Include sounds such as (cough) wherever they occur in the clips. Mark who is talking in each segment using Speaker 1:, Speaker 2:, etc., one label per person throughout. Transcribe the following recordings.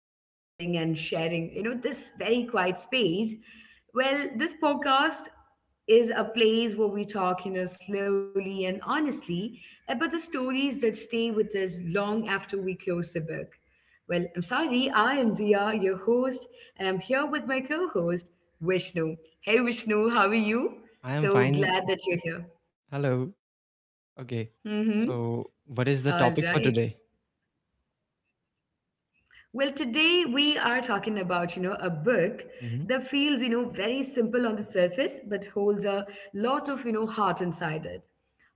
Speaker 1: listening and sharing, you know, this very quiet space. Well, this podcast is a place where we talk, you know, slowly and honestly about the stories that stay with us long after we close the book. Well, I'm sorry, I am Dia, your host, and I'm here with my co host, Vishnu. Hey, Vishnu, how are you?
Speaker 2: I am
Speaker 1: So
Speaker 2: fine.
Speaker 1: glad that you're here.
Speaker 2: Hello.
Speaker 1: Mm-hmm.
Speaker 2: Okay.
Speaker 1: All right.
Speaker 2: So, what is the topic for today?
Speaker 1: Well, today we are talking about, you know, a book that feels, you
Speaker 2: hmm
Speaker 1: know, very simple on the surface, but holds a lot of, you know, heart inside it.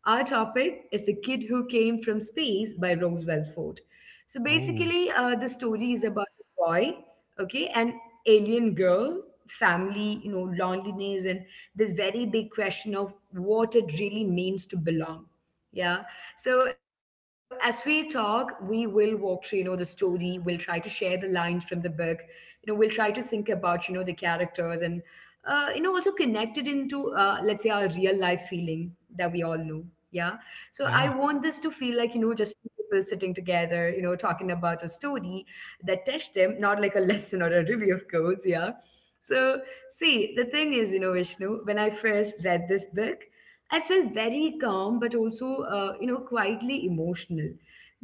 Speaker 1: Our topic is The Kid Who Came from Space by Roswell Ford. So
Speaker 2: Oh,
Speaker 1: basically, the story is about a boy, okay, an alien girl, family, you know, loneliness, and this very big question of what it really means to belong. Yeah. So as we talk, we will walk through, you know, the story. We'll try to share the lines from the book. You know, we'll try to think about, you know, the characters and, you know, also connect it into, let's say, our real life feeling that we all know. Yeah. So I
Speaker 2: yeah.
Speaker 1: want this to feel like, you know, just people sitting together, you know, talking about a story that touched them, not like a (laughs) lesson or a review, of course. Yeah. So see, the thing is, you know, Vishnu, when I first read this book, I felt very calm, but also, you know, quietly emotional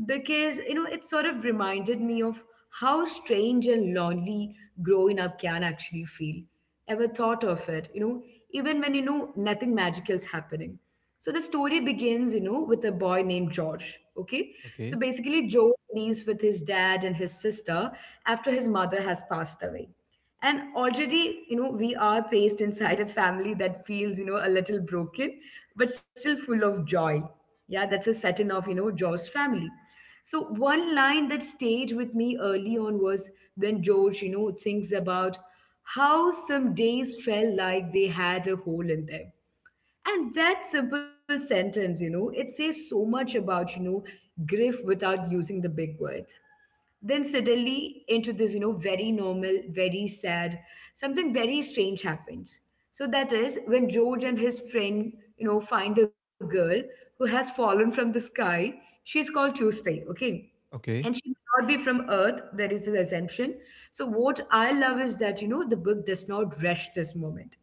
Speaker 1: because, you know, it sort of reminded me of how strange and lonely growing up can actually feel. Ever thought of it, you know, even when, you know, nothing magical is happening. So the story begins, you know, with a boy named George. Okay.
Speaker 2: Okay.
Speaker 1: So basically, George leaves with his dad and his sister after his mother has passed away, and already, you know, we are placed inside a family that feels, you know, a little broken but still full of joy. Yeah, that's a setting of, you know, Joe's family. So one line that stayed with me early on was when George, you know, thinks about how some days felt like they had a hole in them, and that simple sentence, you know, it says so much about, you know, grief without using the big words. Then suddenly into this, you know, very normal, very sad, something very strange happens. So that is when George and his friend, you know, find a girl who has fallen from the sky. She's called Tuesday, okay, and she
Speaker 2: Okay.
Speaker 1: may not be from Earth. That is the assumption. So what I love is that, you know, the book does not rush this moment.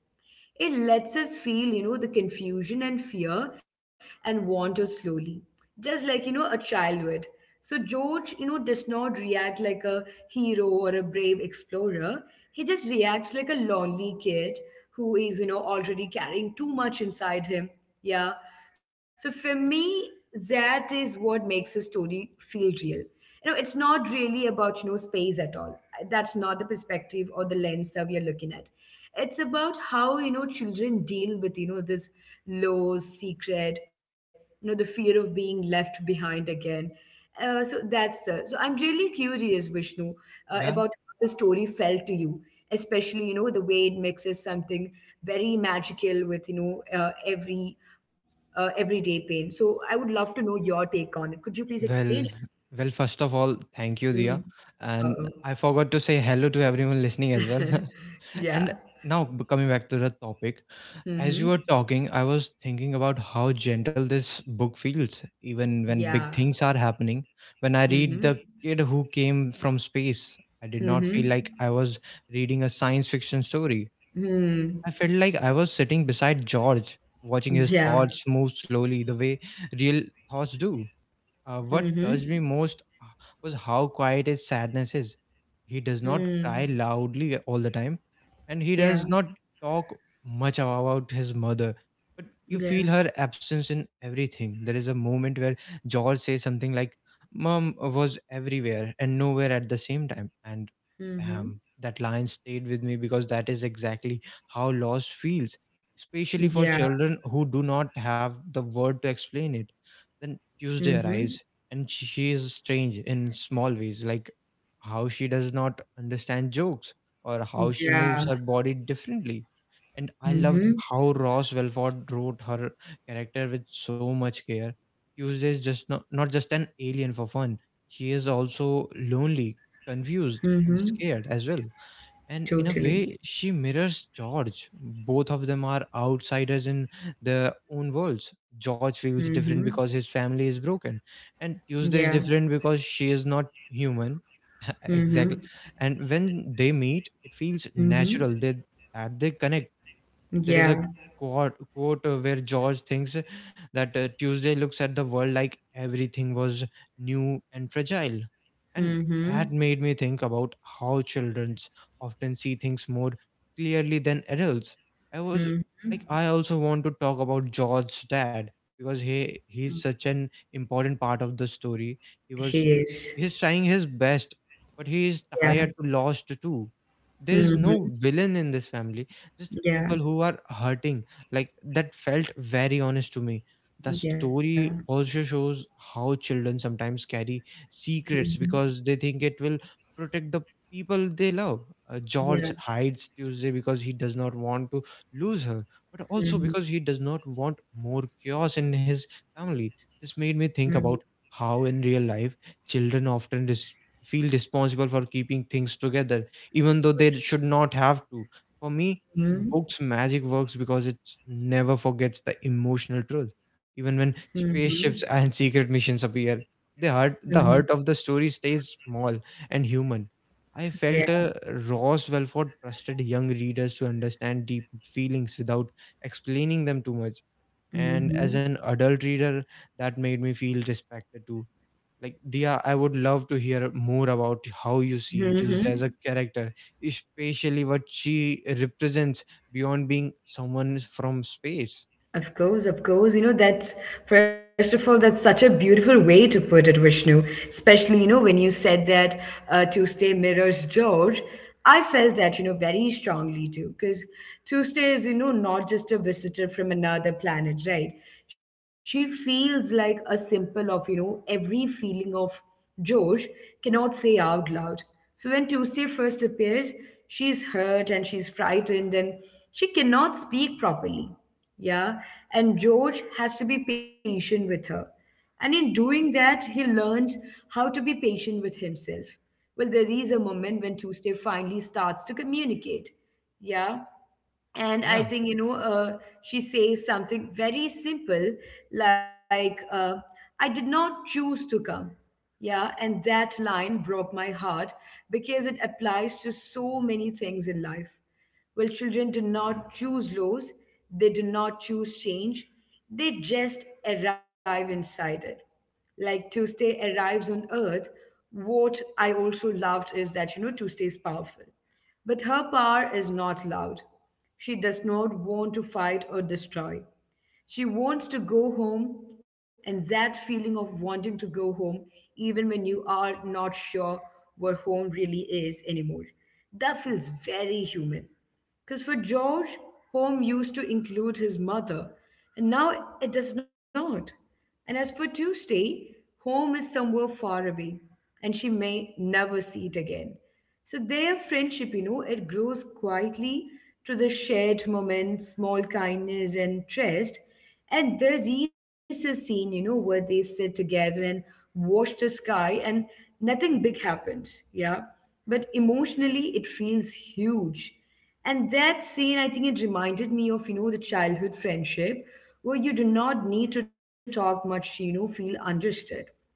Speaker 1: It lets us feel, you know, the confusion and fear and wander slowly, just like, you know, a child would. So George, you know, does not react like a hero or a brave explorer. He just reacts like a lonely kid who is, you know, already carrying too much inside him. Yeah. So for me, that is what makes a story feel real. You know, it's not really about, you know, space at all. That's not the perspective or the lens that we are looking at. It's about how, you know, children deal with, you know, this low secret, you know, the fear of being left behind again. So that's the. So I'm really curious, Vishnu,
Speaker 2: Yeah.
Speaker 1: about how the story felt to you, especially, you know, the way it mixes something very magical with, you know, everyday pain. So I would love to know your take on it. Could you please explain it?
Speaker 2: Well, well, first of all, thank you, Dia.
Speaker 1: Hmm.
Speaker 2: And
Speaker 1: Oh.
Speaker 2: I forgot to say hello to everyone listening as well.
Speaker 1: (laughs)
Speaker 2: (laughs) and
Speaker 1: Yeah.
Speaker 2: Coming back to the topic, as you were
Speaker 1: Mm-hmm.
Speaker 2: talking, I was thinking about how gentle this book feels, even when
Speaker 1: Yeah.
Speaker 2: big things are happening. When I read The
Speaker 1: Mm-hmm.
Speaker 2: Kid Who Came from Space, I did not feel like
Speaker 1: Mm-hmm.
Speaker 2: I was reading a science fiction story.
Speaker 1: Mm.
Speaker 2: I felt like I was sitting beside George, watching his
Speaker 1: Yeah.
Speaker 2: thoughts move slowly the way real thoughts do.
Speaker 1: Mm-hmm.
Speaker 2: What touched me most was how quiet his sadness is. He does not cry
Speaker 1: Mm.
Speaker 2: loudly all the time, and he
Speaker 1: Yeah.
Speaker 2: does not talk much about his mother. But you feel
Speaker 1: Yeah.
Speaker 2: her absence in everything. There is a moment where George says something like, Mom was everywhere and nowhere at the same time. And
Speaker 1: Mm-hmm.
Speaker 2: damn, that line stayed with me because that is exactly how loss feels,
Speaker 1: Yeah.
Speaker 2: especially for children who do not have the word to explain it. The
Speaker 1: Mm-hmm.
Speaker 2: Tuesday arrives, and she is strange in small ways, like how she does not understand jokes or how she
Speaker 1: Yeah.
Speaker 2: moves her body differently. And I
Speaker 1: Mm-hmm.
Speaker 2: loved how Ross Welford wrote her character with so much care. Tuesday is just not, not just an alien for fun, she is also lonely, confused, and
Speaker 1: Mm-hmm.
Speaker 2: scared as well, and in a
Speaker 1: Totally.
Speaker 2: way she mirrors George. Both of them are outsiders in their own worlds. George feels
Speaker 1: Mm-hmm.
Speaker 2: different because his family is broken, and
Speaker 1: Yeah.
Speaker 2: Tuesday is different because she is not human. (laughs)
Speaker 1: Mm-hmm.
Speaker 2: Exactly. And when they meet, it feels
Speaker 1: Mm-hmm.
Speaker 2: natural that they connect. There is
Speaker 1: Yeah.
Speaker 2: a quote where George thinks that Tuesday looks at the world like everything was new and fragile. And
Speaker 1: Mm-hmm.
Speaker 2: that made me think about how children often see things more clearly than adults. I was
Speaker 1: Mm-hmm.
Speaker 2: I also want to talk about George's dad because he's such an important part of the story. He
Speaker 1: He
Speaker 2: was
Speaker 1: is.
Speaker 2: he's trying his best, but he is
Speaker 1: Yeah.
Speaker 2: tired to lost too. There is no
Speaker 1: Mm-hmm.
Speaker 2: villain in this family, just
Speaker 1: Yeah.
Speaker 2: people who are hurting. Like, that felt very honest to me. The
Speaker 1: Yeah.
Speaker 2: story also shows how children sometimes carry secrets
Speaker 1: Mm-hmm.
Speaker 2: because they think it will protect the people they love. George
Speaker 1: Yeah.
Speaker 2: hides Tuesday because he does not want to lose her, but also
Speaker 1: Mm-hmm.
Speaker 2: because he does not want more chaos in his family. This made me
Speaker 1: Mm-hmm.
Speaker 2: think about how in real life children often feel responsible for keeping things together even though they should not have to. For me, the book's magic works because it never forgets the emotional truth. Even when
Speaker 1: Mm-hmm.
Speaker 2: spaceships and secret missions appear, the
Speaker 1: Mm-hmm.
Speaker 2: heart of the story stays small and human. I
Speaker 1: Yeah.
Speaker 2: felt Ross Welford trusted young readers to understand deep feelings without explaining them too much. And as
Speaker 1: Mm-hmm.
Speaker 2: an adult reader, that made me feel respected too. Like Dia, I would love to hear more about how you see
Speaker 1: Mm-hmm.
Speaker 2: Tuesday as a character, especially what she represents beyond being someone from space.
Speaker 1: Of course, of course. You know, that's first of all, that's such a beautiful way to put it, Vishnu. Especially, you know, when you said that Tuesday mirrors George, I felt that, you know, very strongly too. Because Tuesday is, you know, not just a visitor from another planet, right? She feels like a symbol of, you know, every feeling of George cannot say out loud. So when Tuesday first appears, she's hurt and she's frightened and she cannot speak properly, yeah, and George has to be patient with her. And in doing that, he learns how to be patient with himself. Well, there is a moment when Tuesday finally starts to communicate. Yeah, and I
Speaker 2: Yeah.
Speaker 1: think, you know, she says something very simple, like, I did not choose to come. Yeah, and that line broke my heart, because it applies to so many things in life. Well, children do not choose laws, they do not choose change, they just arrive inside it, like Tuesday arrives on Earth. What I also loved is that, you know, Tuesday is powerful, but her power is not loud. She does not want to fight or destroy. She wants to go home, and that feeling of wanting to go home, even when you are not sure where home really is anymore, that feels very human. Because for George, home used to include his mother, and now it does not. And as for Tuesday, home is somewhere far away, and she may never see it again. So their friendship, you know, it grows quietly through the shared moments, small kindness, and trust. And the a scene, you know, where they sit together and watch the sky, and nothing big happened, yeah. But emotionally, it feels huge. And that scene, I think it reminded me of, you know, the childhood friendship where you do not need to talk much to, you know, feel understood.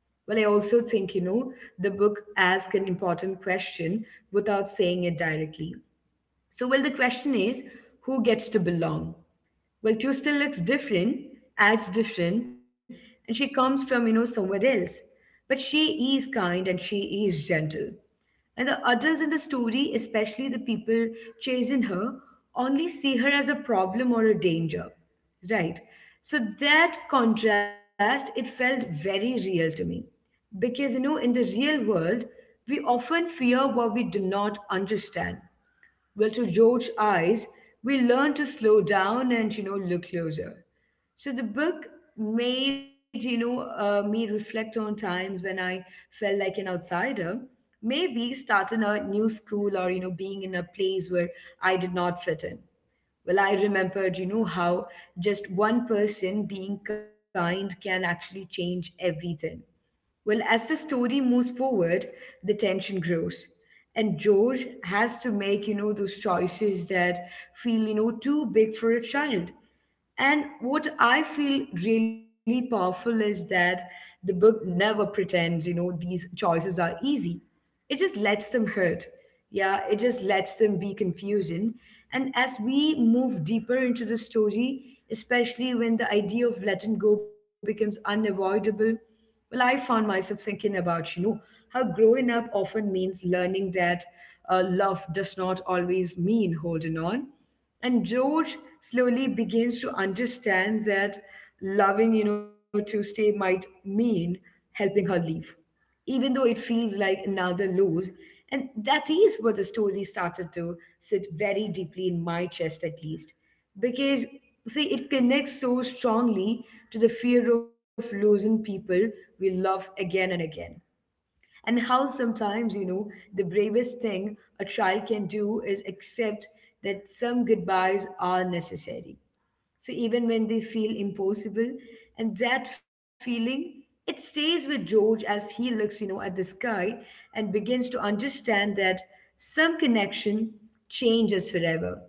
Speaker 1: Well, I also think, you know, the book asks an important question without saying it directly. So, well, the question is, who gets to belong? Well, Q still looks different, acts different, and she comes from, you know, somewhere else. But she is kind and she is gentle. And the adults in the story, especially the people chasing her, only see her as a problem or a danger. Right. So that contrast, it felt very real to me. Because, you know, in the real world, we often fear what we do not understand. Well, to George's eyes, we learn to slow down and, you know, look closer. So the book made, you know, me reflect on times when I felt like an outsider. Maybe starting a new school or, you know, being in a place where I did not fit in. Well, I remembered, you know, how just one person being kind can actually change everything. Well, as the story moves forward, the tension grows. And George has to make, you know, those choices that feel, you know, too big for a child. And what I feel really powerful is that the book never pretends, you know, these choices are easy. It just lets them hurt. Yeah, it just lets them be confusing. And as we move deeper into the story, especially when the idea of letting go becomes unavoidable, well, I found myself thinking about, you know, how growing up often means learning that love does not always mean holding on. And George slowly begins to understand that loving, you know, to stay might mean helping her leave, even though it feels like another lose. And that is where the story started to sit very deeply in my chest, at least. Because, see, it connects so strongly to the fear of losing people we love again and again. And how sometimes, you know, the bravest thing a child can do is accept that some goodbyes are necessary, so even when they feel impossible, and that feeling, it stays with George as he looks, you know, at the sky and begins to understand that some connection changes forever,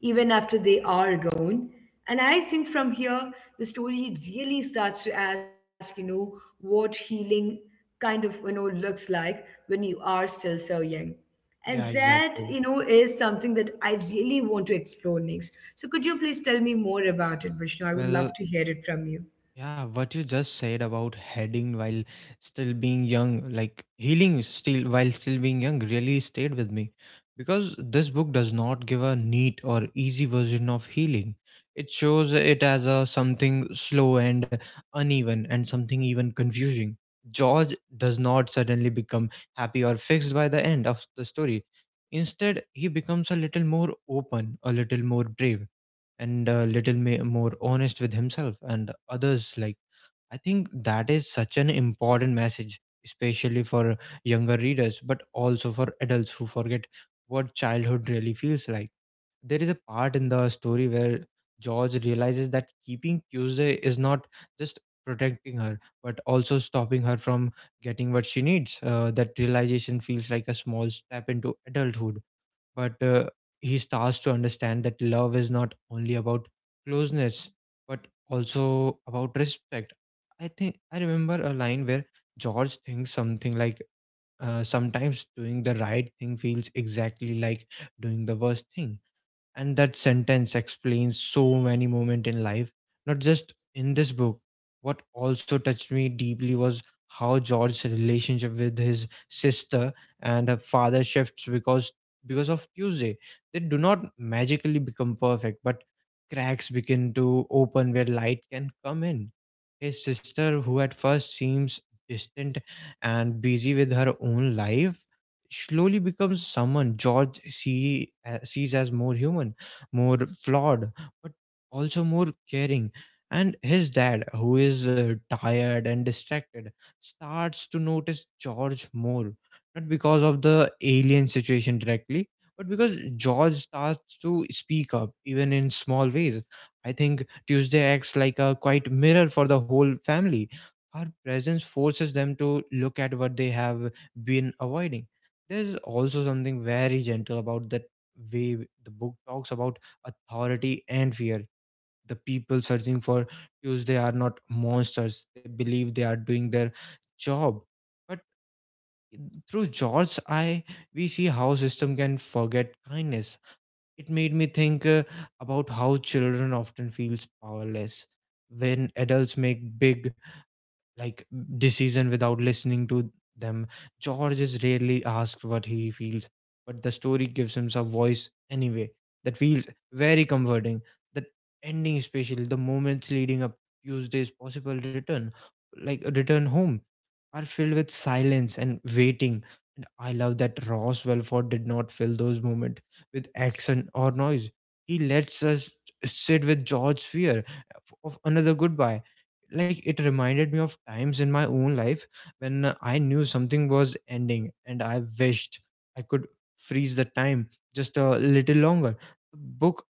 Speaker 1: even after they are gone. And I think from here, the story really starts to ask, you know, what healing kind of, you know, looks like when you are still so young. And
Speaker 2: Yeah,
Speaker 1: that,
Speaker 2: exactly.
Speaker 1: you know, is something that I really want to explore next. So could you please tell me more about it, Vishnu? I would love
Speaker 2: Well,
Speaker 1: to hear it from you.
Speaker 2: yeah, what you just said about heading while still being young, like healing still while still being young, really stayed with me because this book does not give a neat or easy version of healing. It shows it as a something slow and uneven and something even confusing. George does not suddenly become happy or fixed by the end of the story. Instead, he becomes a little more open, a little more brave, and a little more honest with himself and others. Like, I think that is such an important message, especially for younger readers, but also for adults who forget what childhood really feels like. There is a part in the story where George realizes that keeping Tuesday is not just protecting her, but also stopping her from getting what she needs. That realization feels like a small step into adulthood, but he starts to understand that love is not only about closeness but also about respect. I think I remember a line where George thinks something like, sometimes doing the right thing feels exactly like doing the worst thing. And that sentence explains so many moments in life, not just in this book. What also touched me deeply was how George's relationship with his sister and her father shifts because of Tuesday. They do not magically become perfect, but cracks begin to open where light can come in. His sister, who at first seems distant and busy with her own life, slowly becomes someone George sees as more human, more flawed, but also more caring. And his dad, who is tired and distracted, starts to notice George more, not because of the alien situation directly, but because George starts to speak up, even in small ways. I think Tuesday acts like a quite mirror for the whole family. Her presence forces them to look at what they have been avoiding. There's also something very gentle about the book talks about authority and fear. The people searching for Tuesday are not monsters. They believe they are doing their job. But through George's eye, we see how system can forget kindness. It made me think about how children often feels powerless when adults make big, like decision without listening to them. George is rarely asked what he feels, but the story gives him some voice anyway. That feels very comforting. The ending, especially the moments leading up Tuesday's possible return, like a return home, are filled with silence and waiting. And I love that Ross Welford did not fill those moments with action or noise. He lets us sit with George's fear of another goodbye. Like, it reminded me of times in my own life when I knew something was ending and I wished I could freeze the time just a little longer. The book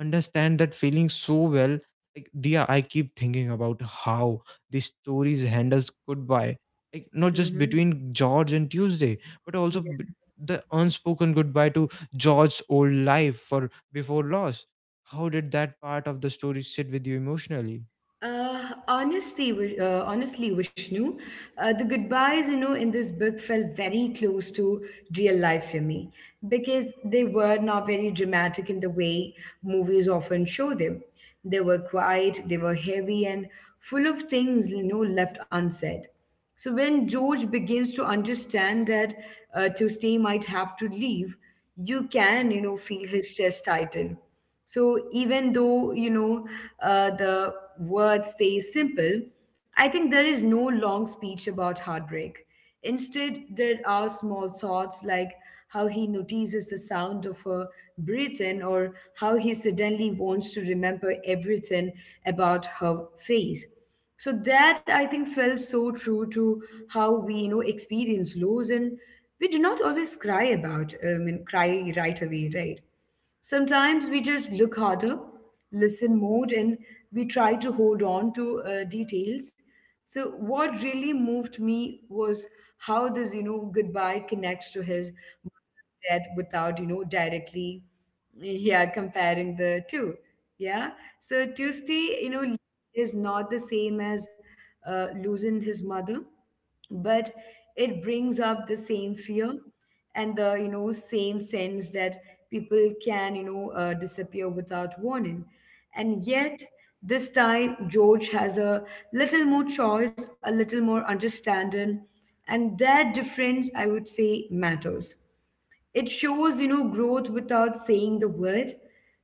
Speaker 2: understand that feeling so well. Like Dia, I keep thinking about how the stories handles goodbye, like not just
Speaker 1: Mm-hmm.
Speaker 2: between George and Tuesday, but also the unspoken goodbye to George's old life for before loss. How did that part of the story sit with you emotionally?
Speaker 1: Uh, honestly, Vishnu, the goodbyes, you know, in this book felt very close to real life for me, because they were not very dramatic in the way movies often show them. They were quiet, they were heavy, and full of things, you know, left unsaid. So when George begins to understand that Tuesday might have to leave, you can, feel his chest tighten. So even though, the words stay simple, I think there is no long speech about heartbreak. Instead, there are small thoughts like how he notices the sound of her breath in, or how he suddenly wants to remember everything about her face. So that, I think, felt so true to how we, experience lows, and we do not always cry about, and cry right away, right? Sometimes we just look harder, listen more, and we try to hold on to details. So what really moved me was how this, goodbye connects to his mother's death without, directly, yeah, comparing the two. Yeah. So Tuesday, is not the same as losing his mother, but it brings up the same fear and the same sense that people can disappear without warning. And yet this time, George has a little more choice, a little more understanding, and that difference, I would say, matters. It shows, growth without saying the word.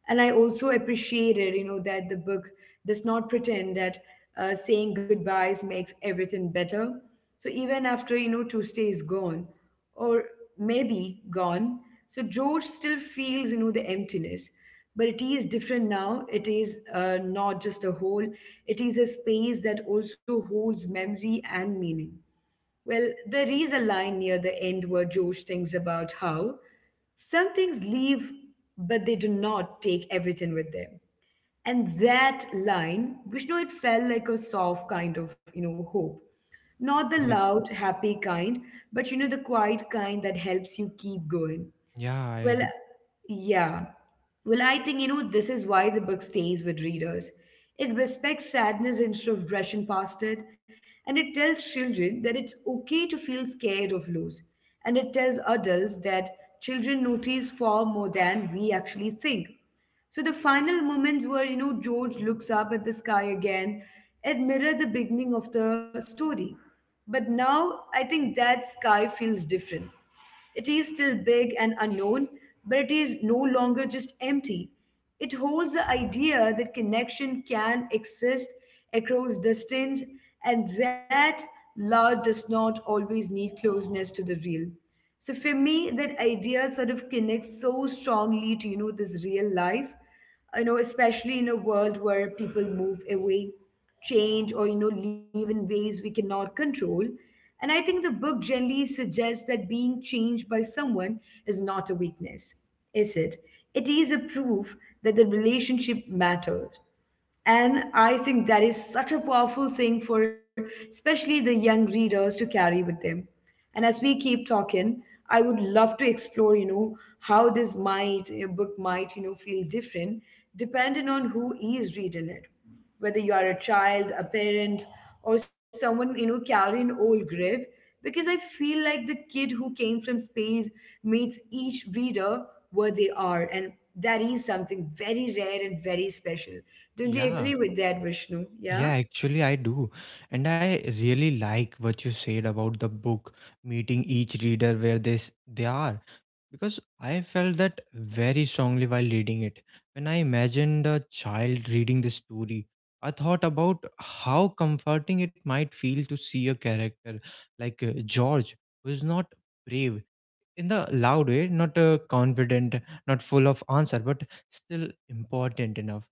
Speaker 1: And I also appreciated, that the book does not pretend that saying goodbyes makes everything better. So even after, Tuesday is gone, or maybe gone, George still feels, the emptiness. But it is different now. It is not just a hole, it is a space that also holds memory and meaning. Well, there is a line near the end where George thinks about how some things leave, but they do not take everything with them. And that line, Vishnu, it felt like a soft kind of, hope. Not the
Speaker 2: Like,
Speaker 1: loud, happy kind, but, the quiet kind that helps you keep going.
Speaker 2: yeah, I do.
Speaker 1: Well, yeah. Well, I think, this is why the book stays with readers. It respects sadness instead of rushing past it, and it tells children that it's okay to feel scared of loss. And it tells adults that children notice far more than we actually think. So the final moments, where, George looks up at the sky again, it mirror the beginning of the story. But now I think that sky feels different. It is still big and unknown, but it is no longer just empty. It holds the idea that connection can exist across distance, and that love does not always need closeness to the real. So for me, that idea sort of connects so strongly to, this real life, especially in a world where people move away, change, or, live in ways we cannot control. And I think the book generally suggests that being changed by someone is not a weakness, is it? It is a proof that the relationship matters. And I think that is such a powerful thing for especially the young readers to carry with them. And as we keep talking, I would love to explore, how this might a book might feel different depending on who is reading it, whether you are a child, a parent, or someone, carrying an old grave. Because I feel like the kid who came from space meets each reader where they are, and that is something very rare and very special. Don't you
Speaker 2: Yeah,
Speaker 1: agree with that, Vishnu? Yeah.
Speaker 2: yeah, actually, I do. And I really like what you said about the book meeting each reader where they are. Because I felt that very strongly while reading it. When I imagined a child reading this story, I thought about how comforting it might feel to see a character like George, who is not brave in the loud way, not confident, not full of answer, but still important enough.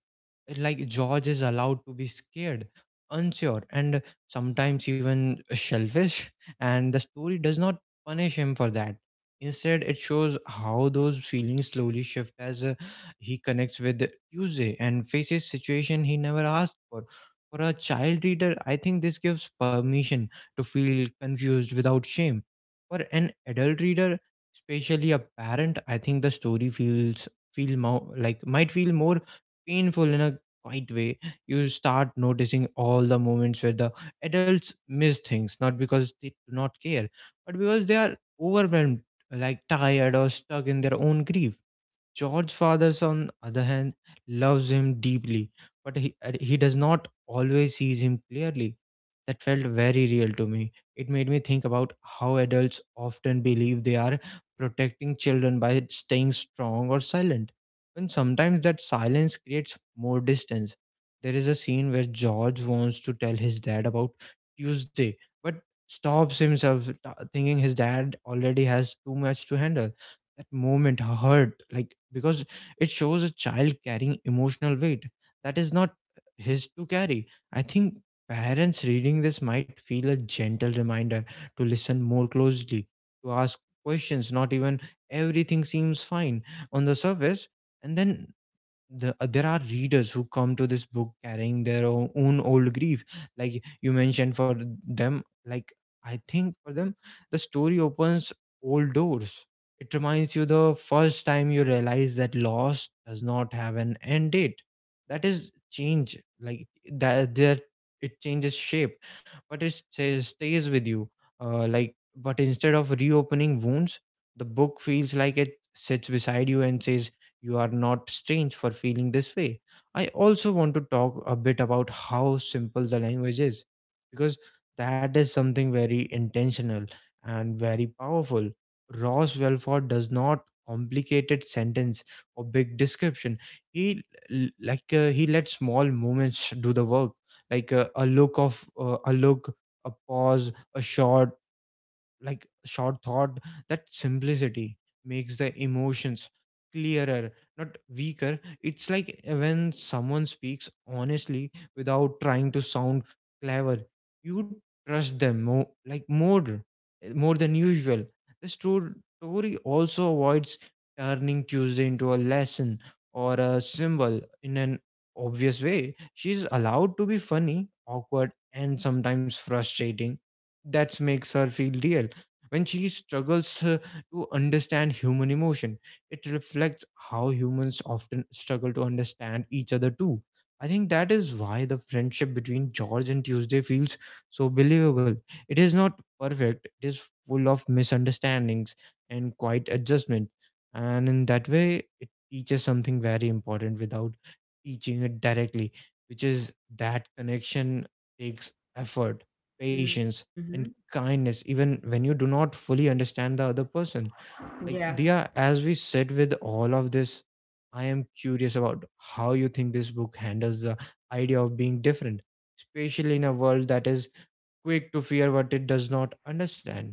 Speaker 2: Like, George is allowed to be scared, unsure, and sometimes even selfish, and the story does not punish him for that. Instead, it shows how those feelings slowly shift as he connects with Tuesday and faces situation he never asked for. For a child reader, I think this gives permission to feel confused without shame. For an adult reader, especially a parent, I think the story feels, feel more like might feel more painful in a quiet way. You start noticing all the moments where the adults miss things, not because they do not care, but because they are overwhelmed, like tired or stuck in their own grief. George Fathers, on other hand, loves him deeply, but he does not always sees him clearly. That felt very real to me. It made me think about how adults often believe they are protecting children by staying strong or silent, when sometimes that silence creates more distance. There is a scene where George wants to tell his dad about Tuesday, but stops himself, thinking his dad already has too much to handle. That moment hurt, like, because it shows a child carrying emotional weight that is not his to carry. I think parents reading this might feel a gentle reminder to listen more closely, to ask questions not even everything seems fine on the surface. And then there are readers who come to this book carrying their own old grief, like you mentioned. For them, like, I think for them the story opens old doors. It reminds you the first time you realize that loss does not have an end date, that is change. Like, that it changes shape, but it stays with you. uh, like but instead of reopening wounds, the book feels like it sits beside you and says, you are not strange for feeling this way. I also want to talk a bit about how simple the language is, because that is something very intentional and very powerful. Ross Welford does not complicated sentence or big description. He he let small moments do the work, like a look of a look, a pause, a short thought. That simplicity makes the emotions clearer, not weaker. It's when someone speaks honestly without trying to sound clever, you trust them more more than usual. the sto- story also avoids turning Tuesday into a lesson or a symbol in an obvious way. She's allowed to be funny, awkward, and sometimes frustrating. That makes her feel real. When cheese struggles (laughs) to understand human emotion, it reflects how humans often struggle to understand each other too. I think that is why the friendship between George and Tuesday feels so believable. It is not perfect, it is full of misunderstandings and quiet adjustment. And in that way, it teaches something very important without teaching it directly, which is that connection takes effort, patience,
Speaker 1: Mm-hmm.
Speaker 2: and kindness, even when you do not fully understand the other person. Like,
Speaker 1: Yeah.
Speaker 2: Dia, as we sit with all of this, I am curious about how you think this book handles the idea of being different, especially in a world that is quick to fear what it does not understand.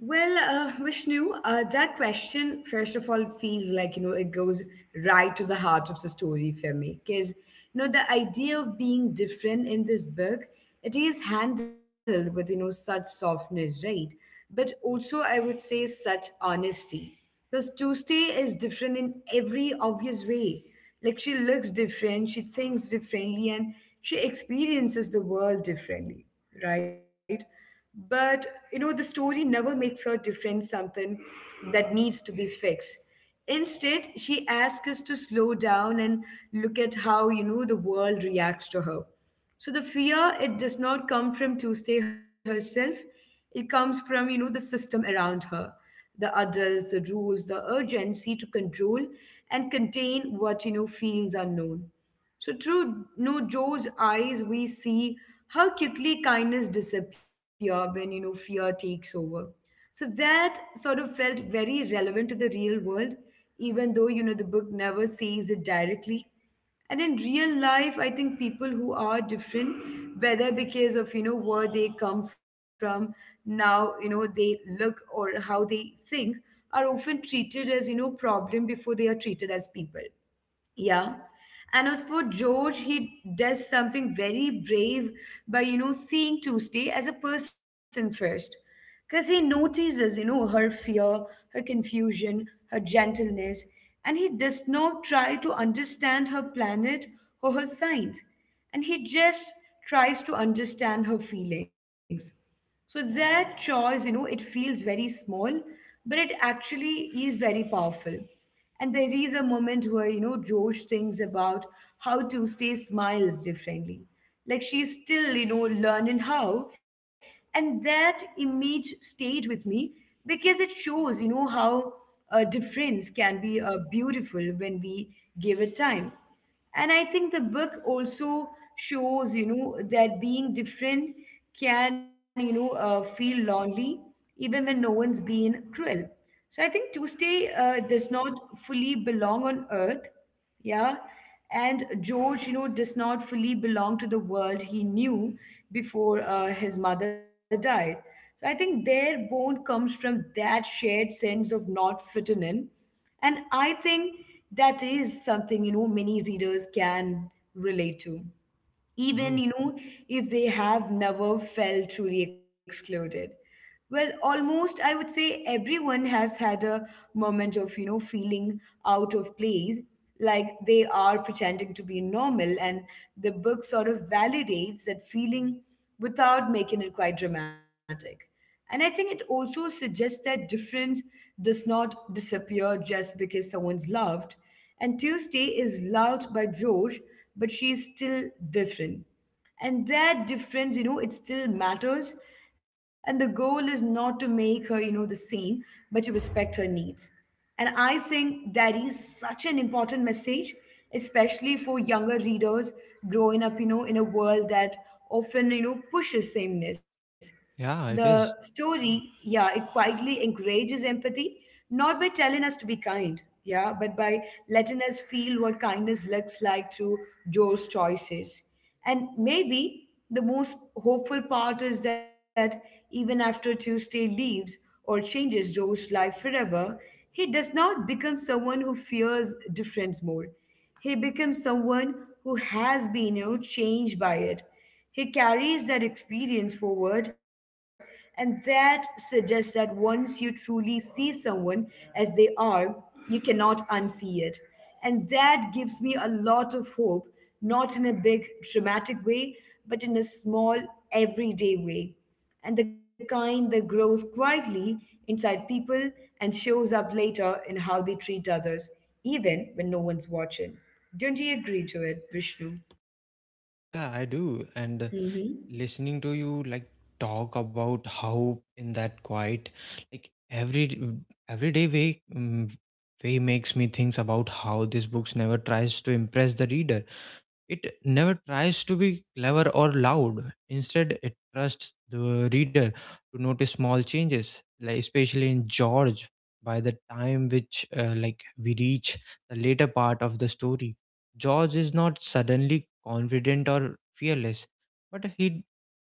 Speaker 1: Well, Vishnu, that question, first of all, feels like, it goes right to the heart of the story for me. Because, the idea of being different in this book, it is handled with, such softness, right? But also, I would say, such honesty. Because Tuesday is different in every obvious way. Like, she looks different, she thinks differently, and she experiences the world differently, right? But, the story never makes her defend something that needs to be fixed. Instead, she asks us to slow down and look at how, the world reacts to her. So the fear, it does not come from Tuesday herself. It comes from, the system around her, the others, the rules, the urgency to control and contain what, feels unknown. So through, Joe's eyes, we see how quickly kindness disappear when, fear takes over. So that sort of felt very relevant to the real world, even though, the book never says it directly. And in real life, I think people who are different, whether because of, where they come from, now, they look or how they think, are often treated as, problem before they are treated as people. Yeah. And as for George, he does something very brave by, seeing Tuesday as a person first. Because he notices, her fear, her confusion, her gentleness, and he does not try to understand her planet or her signs. And he just tries to understand her feelings. So that choice, it feels very small, but it actually is very powerful. And there is a moment where, Josh thinks about how Tuesday smiles differently. Like she's still, learning how. And that image stayed with me because it shows, how a difference can be beautiful when we give it time. And I think the book also shows, that being different can, feel lonely even when no one's being cruel. So I think Tuesday does not fully belong on earth. Yeah. And George, does not fully belong to the world he knew before his mother died. So I think their bond comes from that shared sense of not fitting in. And I think that is something, many readers can relate to, even
Speaker 2: No,
Speaker 1: if they have never felt truly excluded. Well, almost, I would say, everyone has had a moment of, feeling out of place, like they are pretending to be normal. And the book sort of validates that feeling without making it quite dramatic. And I think it also suggests that difference does not disappear just because someone's loved. And Tuesday is loved by George, but she's still different. And that difference, it still matters. And the goal is not to make her, the same, but to respect her needs. And I think that is such an important message, especially for younger readers growing up, in a world that often, pushes sameness.
Speaker 2: yeah,
Speaker 1: The
Speaker 2: it is.
Speaker 1: story, yeah, it quietly encourages empathy, not by telling us to be kind, yeah, but by letting us feel what kindness looks like through those choices. And maybe the most hopeful part is that even after Tuesday leaves or changes Joe's life forever, he does not become someone who fears difference more. He becomes someone who has been, changed by it. He carries that experience forward, and that suggests that once you truly see someone as they are, you cannot unsee it. And that gives me a lot of hope, not in a big, dramatic way, but in a small, everyday way. And the kind that grows quietly inside people and shows up later in how they treat others, even when no one's watching. Don't you agree to it, Vishnu?
Speaker 2: Yeah, I do. And
Speaker 1: Hmm.
Speaker 2: listening to you talk about how in that quiet like every d- everyday way, way makes me think about how this books never tries to impress the reader. It never tries to be clever or loud. Instead, it trusts the reader to notice small changes, like especially in George. By the time which like we reach the later part of the story, George is not suddenly confident or fearless, but he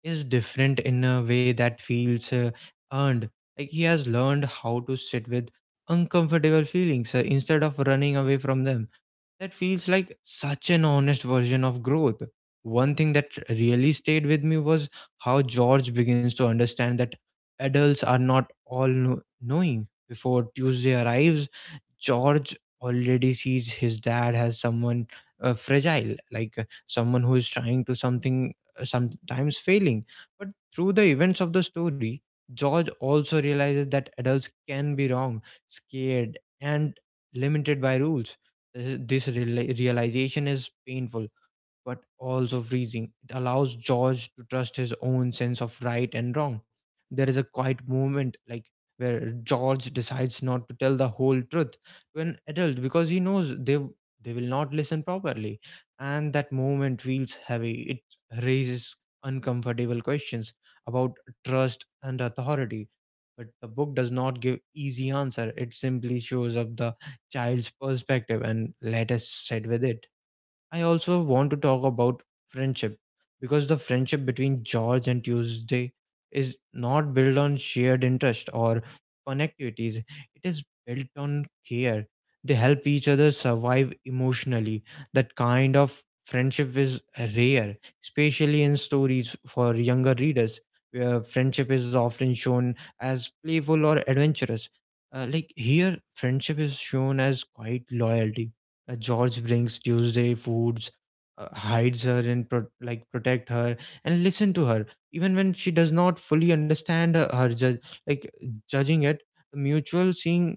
Speaker 2: is different in a way that feels earned. Like he has learned how to sit with uncomfortable feelings instead of running away from them. That feels like such an honest version of growth. One thing that really stayed with me was how George begins to understand that adults are not knowing before Tuesday arrives. George already sees his dad as someone fragile, like someone who is trying to something, sometimes failing. But through the events of the story, George also realizes that adults can be wrong, scared, and limited by rules. This realization is painful, but also freezing. It allows George to trust his own sense of right and wrong. There is a quiet moment, like where George decides not to tell the whole truth to an adult because he knows they will not listen properly, and that moment feels heavy. It raises uncomfortable questions about trust and authority. But the book does not give easy answer. It simply shows up the child's perspective and let us sit with it. I also want to talk about friendship, because the friendship between George and Tuesday is not built on shared interest or fun activities. It is built on care. They help each other survive emotionally. That kind of friendship is rare, especially in stories for younger readers, where friendship is often shown as playful or adventurous. Like here, friendship is shown as quite loyalty. George brings Tuesday foods, hides her and protect her and listen to her even when she does not fully understand her, her judge like judging it. The mutual seeing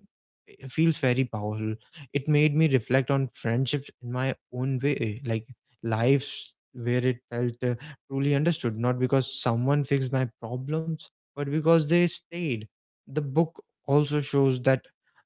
Speaker 2: i- feels very powerful. It made me reflect on friendships in my own way, like lives where it felt truly understood, not because someone fixed my problems, but because they stayed. The book also shows that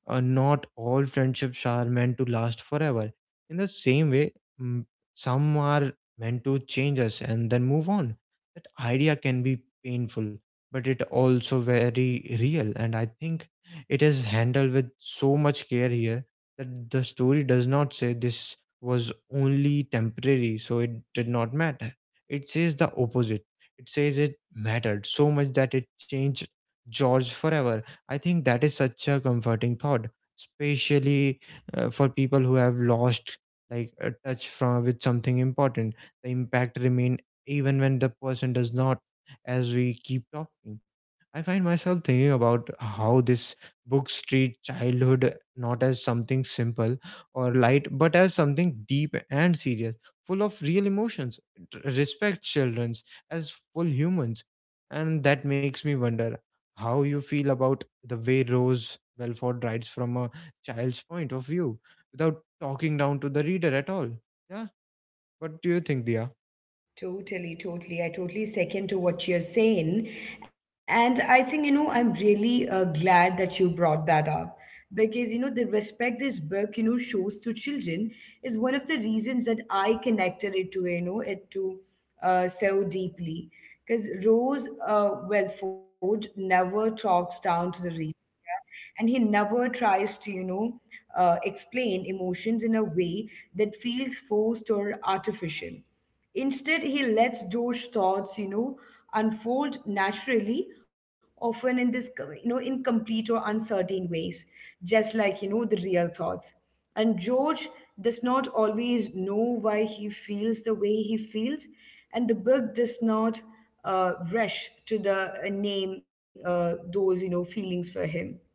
Speaker 2: not all friendships are meant to last forever. In the same way, mm, some are meant to change us and then move on. That idea can be painful, but it also very real. And I think it is handled with so much care here that the story does not say this was only temporary, so it did not matter. It says the opposite. It says it mattered so much that it changed George forever. I think that is such a comforting thought, especially for people who have lost like a touch from with something important. The impact remain even when the person does not. As we keep talking, I find myself thinking about how this books treat childhood not as something simple or light, but as something deep and serious, full of real emotions. It respects childrens as full humans, and that makes me wonder how you feel about the way Rose Belford writes from a child's point of view without talking down to the reader at all. Yeah. What do you think, Dia?
Speaker 1: Totally, totally. I totally second to what you're saying. And I think, I'm really glad that you brought that up because, the respect this book, shows to children is one of the reasons that I connected it to, so deeply. Because Rose Welford never talks down to the reader, and he never tries to, explain emotions in a way that feels forced or artificial. Instead, he lets those thoughts, unfold naturally, often in this, incomplete or uncertain ways, just like, the real thoughts. And George does not always know why he feels the way he feels, and the book does not rush to the name those, feelings for him.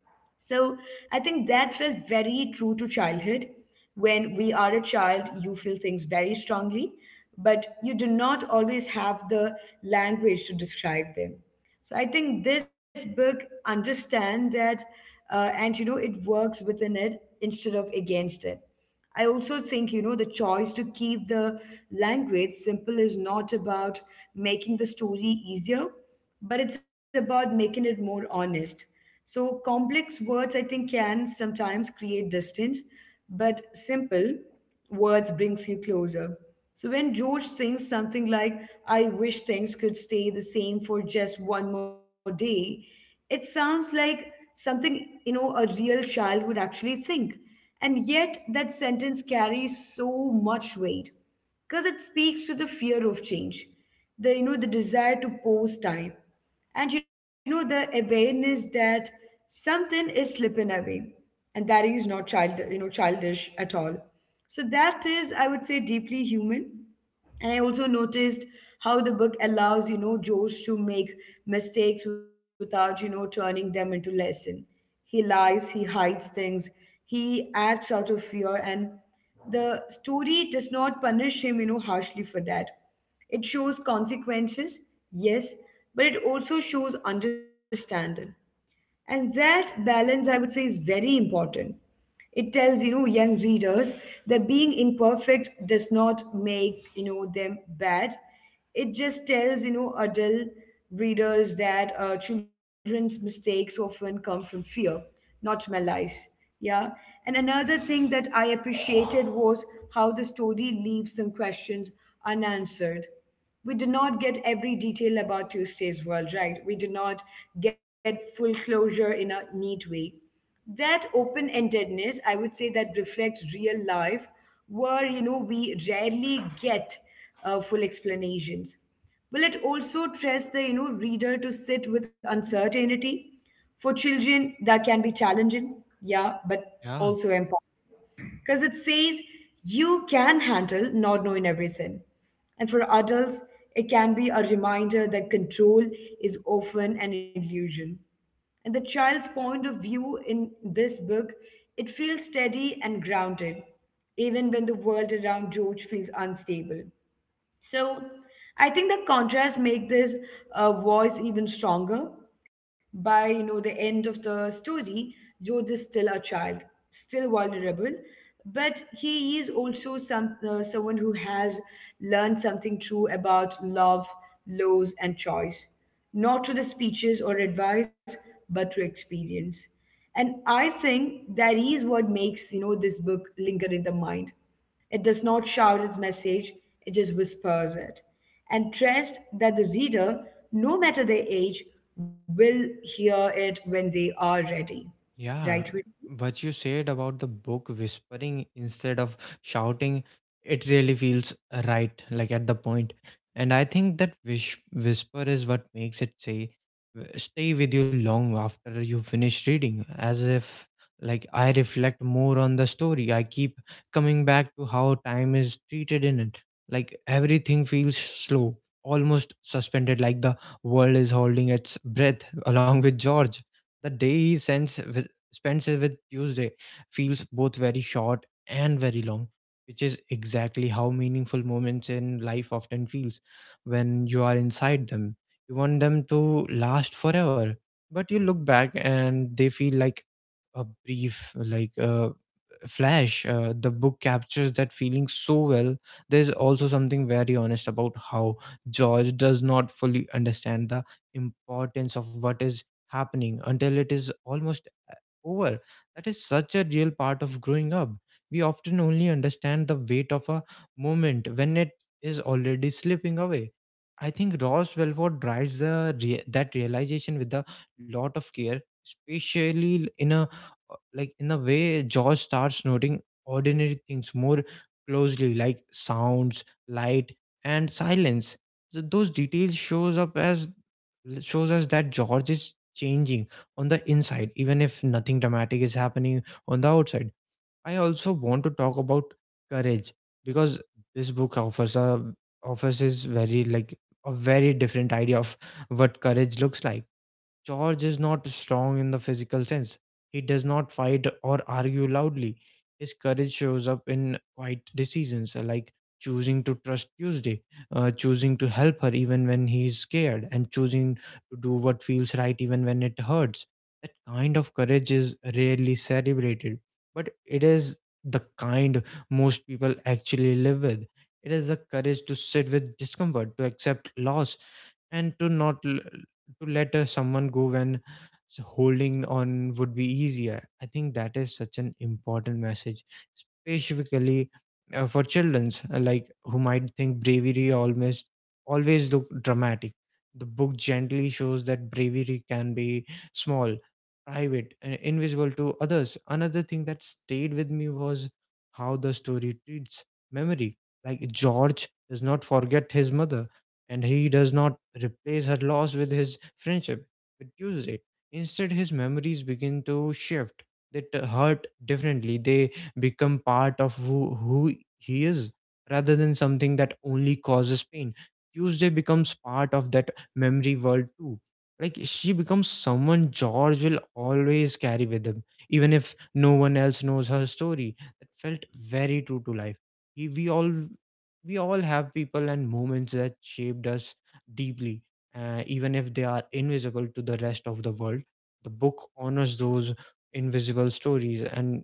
Speaker 1: So I think that felt very true to childhood. When we are a child, you feel things very strongly, but you do not always have the language to describe them. So I think this book understand that, and, it works within it instead of against it. I also think, the choice to keep the language simple is not about making the story easier, but it's about making it more honest. So complex words, I think, can sometimes create distance, but simple words brings you closer. So when George sings something like, I wish things could stay the same for just one more day, it sounds like something, a real child would actually think. And yet that sentence carries so much weight because it speaks to the fear of change, the, the desire to pause time. And, the awareness that something is slipping away and that is not childish at all. So that is, I would say, deeply human. And I also noticed how the book allows, George to make mistakes without, turning them into lesson. He lies, he hides things, he acts out of fear, and the story does not punish him harshly for that. It shows consequences, yes, but it also shows understanding. And that balance, I would say, is very important. It tells, young readers that being imperfect does not make them bad. It just tells, adult readers that children's mistakes often come from fear, not malice. Yeah. And another thing that I appreciated was how the story leaves some questions unanswered. We did not get every detail about Tuesday's world, right? We did not get full closure in a neat way. That open endedness, I would say, that reflects real life, where we rarely get full explanations. Well, it also trusts the reader to sit with uncertainty. For children, that can be challenging, yeah, but
Speaker 2: Yeah.
Speaker 1: also empowering because it says you can handle not knowing everything. And for adults, it can be a reminder that control is often an illusion. And the child's point of view in this book, it feels steady and grounded, even when the world around George feels unstable. So I think the contrast make this voice even stronger. By the end of the story, George is still a child, still vulnerable, but he is also someone who has learned something true about love, loss, and choice, not through the speeches or advice, but through experience. And I think that is what makes this book linger in the mind. It does not shout its message, it just whispers it. And trust that the reader, no matter their age, will hear it when they are ready.
Speaker 2: Yeah,
Speaker 1: Right?
Speaker 2: what you said about the book whispering instead of shouting, it really feels right, like at the point. And I think that wish whisper is what makes it stay with you long after you finish reading. As if like I reflect more on the story, I keep coming back to how time is treated in it. Like everything feels slow, almost suspended, like the world is holding its breath (laughs) along with George. The day he sends spends with Tuesday feels both very short and very long, which is exactly how meaningful moments in life often feels when you are inside them. You want them to last forever, but you look back and they feel like a brief, like a flash. The book captures that feeling so well. There's also something very honest about how George does not fully understand the importance of what is happening until it is almost over. That is such a real part of growing up. We often only understand the weight of a moment when it is already slipping away. I think Ross Welford drives that realization with a lot of care, especially in a way George starts noting ordinary things more closely, like sounds, light, and silence. So those details shows up as l- shows us that George is changing on the inside, even if nothing dramatic is happening on the outside. I also want to talk about courage, because this book offers is very like a very different idea of what courage looks like. George is not strong in the physical sense. He does not fight or argue loudly. His courage shows up in quiet decisions, like choosing to trust Tuesday, choosing to help her even when he's scared, and choosing to do what feels right even when it hurts. That kind of courage is rarely celebrated, but it is the kind most people actually live with. It is the courage to sit with discomfort, to accept loss, and to not l- to let someone go when holding on would be easier. I think that is such an important message, specifically for childrens like who might think bravery almost always look dramatic. The book gently shows that bravery can be small, private, and invisible to others. Another thing that stayed with me was how the story treats memory. Like George does not forget his mother, and he does not replace her loss with his friendship with Tuesday. Instead, his memories begin to shift. Hurt differently. They become part of who he is rather than something that only causes pain. Tuesday becomes part of that memory world too. Like she becomes someone George will always carry with him, even if no one else knows her story. That felt very true to life. He, we all We all have people and moments that shaped us deeply, even if they are invisible to the rest of the world. The book honors those invisible stories, and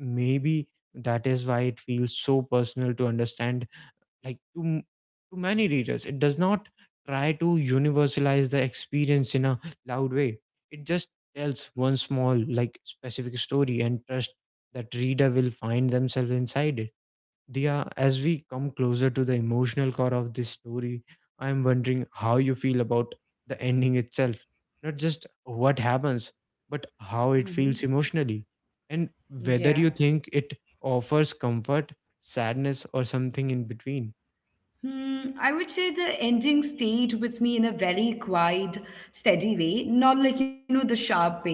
Speaker 2: maybe that is why it feels so personal to understand. Like to many readers, it does not try to universalize the experience in a loud way. It just tells one small, like specific story and trust that reader will find themselves inside it. Dia, as we come closer to the emotional core of this story, I am wondering how you feel about the ending itself. Not just what happens, but how it
Speaker 1: Mm-hmm.
Speaker 2: feels emotionally. And whether
Speaker 1: Yeah.
Speaker 2: you think it offers comfort, sadness, or something in between.
Speaker 1: Hmm, I would say the ending stayed with me in a very quiet, steady way, not like, the sharp pain,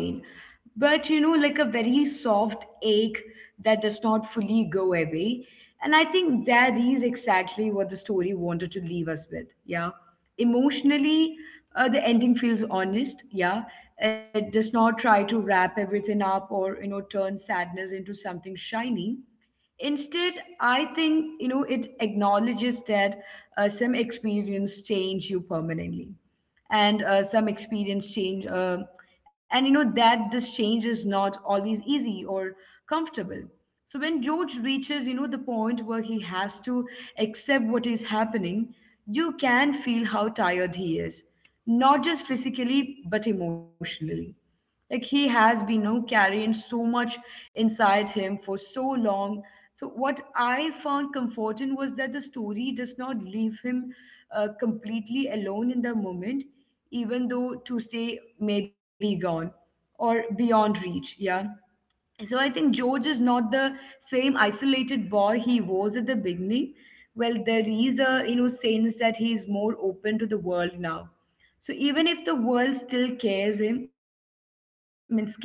Speaker 1: but, like a very soft ache that does not fully go away. And I think that is exactly what the story wanted to leave us with. Yeah. Emotionally, the ending feels honest. Yeah. It does not try to wrap everything up or, turn sadness into something shiny. Instead, I think it acknowledges that some experience change you permanently, and and that this change is not always easy or comfortable. So when George reaches the point where he has to accept what is happening, you can feel how tired he is, not just physically but emotionally, like he has been carrying so much inside him for so long. So what I found comforting was that the story does not leave him completely alone in the moment, even though to stay may be gone or beyond reach. Yeah. So I think George is not the same isolated boy he was at the beginning. Well, there is a sense that he is more open to the world now. So even if the world still cares him, I mean scares him,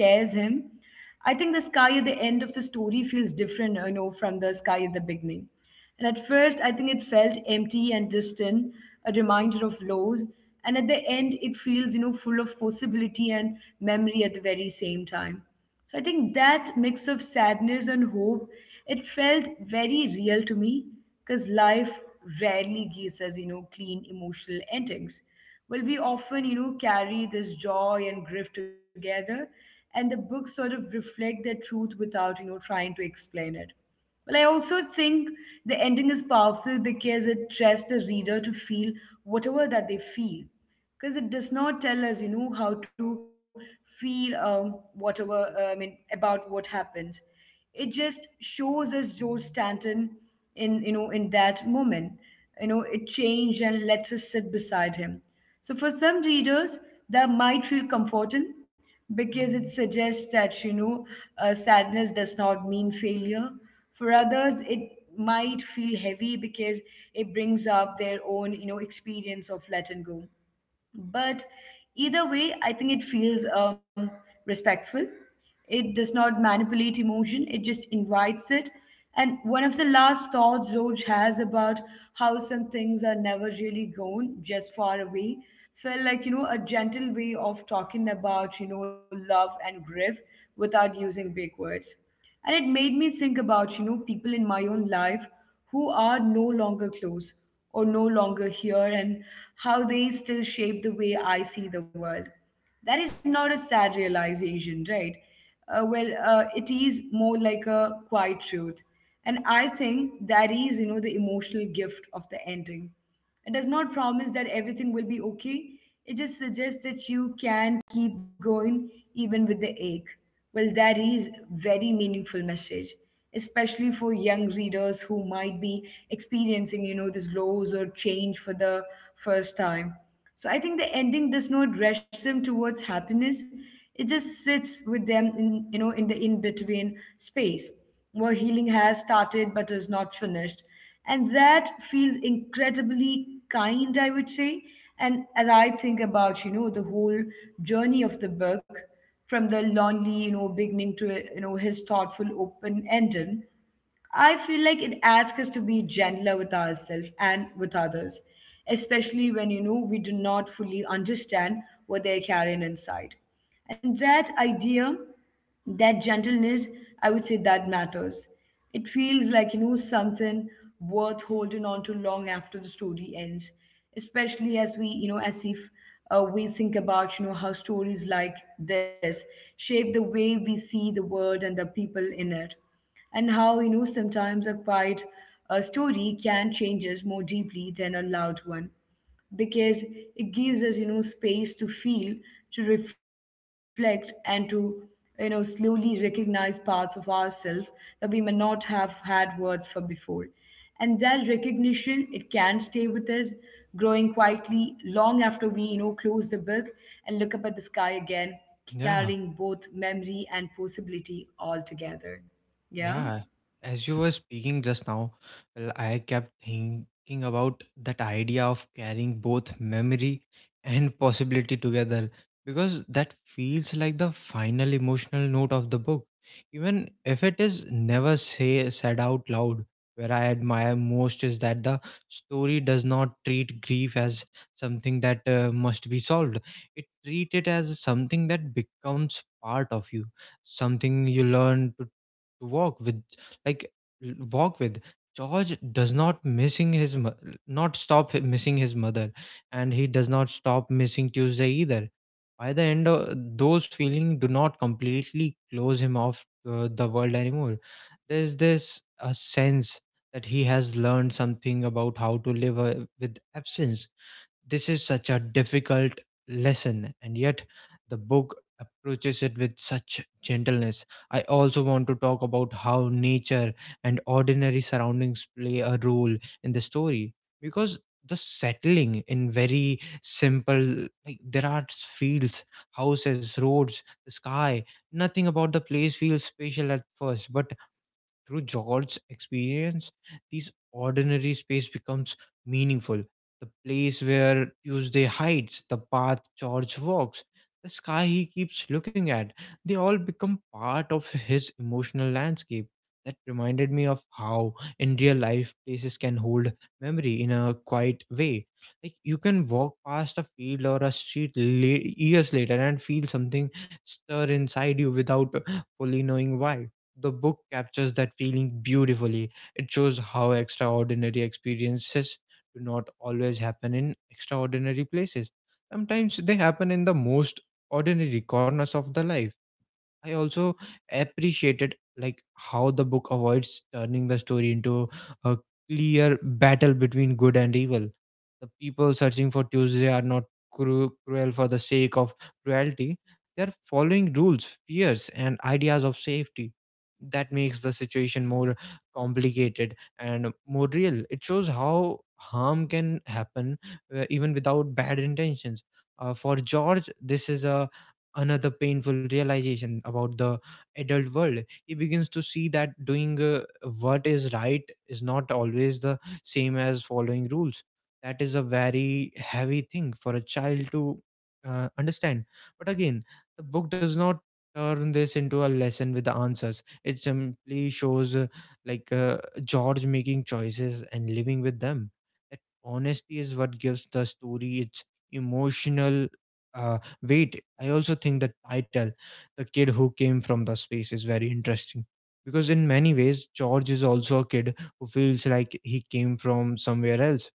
Speaker 1: I think the sky at the end of the story feels different, from the sky at the beginning. And at first, I think it felt empty and distant, a reminder of loss. And at the end, it feels, full of possibility and memory at the very same time. So I think that mix of sadness and hope, it felt very real to me because life rarely gives us, clean emotional endings. Well, we often, carry this joy and grief together, and the books sort of reflect that truth without, trying to explain it. Well, I also think the ending is powerful because it trusts the reader to feel whatever that they feel. Because it does not tell us, how to feel I mean, about what happened. It just shows us George Stanton in, in that moment. You know, it changed and lets us sit beside him. So for some readers, that might feel comforting because it suggests that sadness does not mean failure. For others, it might feel heavy because it brings up their own experience of letting go. But either way, I think it feels respectful. It does not manipulate emotion, it just invites it. And one of the last thoughts George has about how some things are never really gone, just far away, felt like, a gentle way of talking about, love and grief without using big words. And it made me think about, people in my own life who are no longer close or no longer here, and how they still shape the way I see the world. That is not a sad realization, right? It is more like a quiet truth. And I think that is, the emotional gift of the ending. It does not promise that everything will be okay. It just suggests that you can keep going even with the ache. Well, that is very meaningful message, especially for young readers who might be experiencing, this loss or change for the first time. So I think the ending does not rush them towards happiness. It just sits with them in in the in-between space where healing has started but is not finished. And that feels incredibly kind, I would say. And as I think about, the whole journey of the book, from the lonely, beginning to his thoughtful open ending. I feel like it asks us to be gentler with ourselves and with others, especially when we do not fully understand what they're carrying inside. And that idea, that gentleness, I would say that matters. It feels like something worth holding on to long after the story ends, especially as we as if we think about how stories like this shape the way we see the world and the people in it, and how sometimes a quiet story can change us more deeply than a loud one because it gives us space to feel, to reflect, and to slowly recognize parts of ourselves that we may not have had words for before. And that recognition, it can stay with us growing quietly long after we close the book and look up at the sky again,
Speaker 2: Yeah.
Speaker 1: carrying both memory and possibility all together. Yeah.
Speaker 2: Yeah, as you were speaking just now, well, I kept thinking about that idea of carrying both memory and possibility together, because that feels like the final emotional note of the book, even if it is never say said out loud. Where I admire most is that the story does not treat grief as something that must be solved. It treat it as something that becomes part of you, something you learn to walk with, like l- walk with George does not stop missing his mother, and he does not stop missing Tuesday either. By the end, of those feelings do not completely close him off the world anymore. There's this a sense that he has learned something about how to live with absence. This is such a difficult lesson, and yet the book approaches it with such gentleness. I also want to talk about how nature and ordinary surroundings play a role in the story, because the settling in very simple, like there are fields, houses, roads, the sky. Nothing about the place feels special at first, but through George's experience, these ordinary space becomes meaningful. The place where Tuesday hides, the path George walks, the sky he keeps looking at, they all become part of his emotional landscape. That reminded me of how, in real life, places can hold memory in a quiet way. Like, you can walk past a field or a street years later and feel something stir inside you without fully knowing why. The book captures that feeling beautifully. It shows how extraordinary experiences do not always happen in extraordinary places. Sometimes they happen in the most ordinary corners of the life. I also appreciated, like, how the book avoids turning the story into a clear battle between good and evil. The people searching for Tuesday are not cruel for the sake of cruelty. They are following rules, fears, and ideas of safety. That makes the situation more complicated and more real. It shows how harm can happen even without bad intentions. For George, this is a another painful realization about the adult world. He begins to see that doing what is right is not always the same as following rules. That is a very heavy thing for a child to understand. But again, the book does not turn this into a lesson with the answers. It simply shows like uh, George making choices and living with them. That honesty is what gives the story its emotional uh, wait, I also think that title, The Kid Who Came From the Space, is very interesting. Because in many ways, George is also a kid who feels like he came from somewhere else.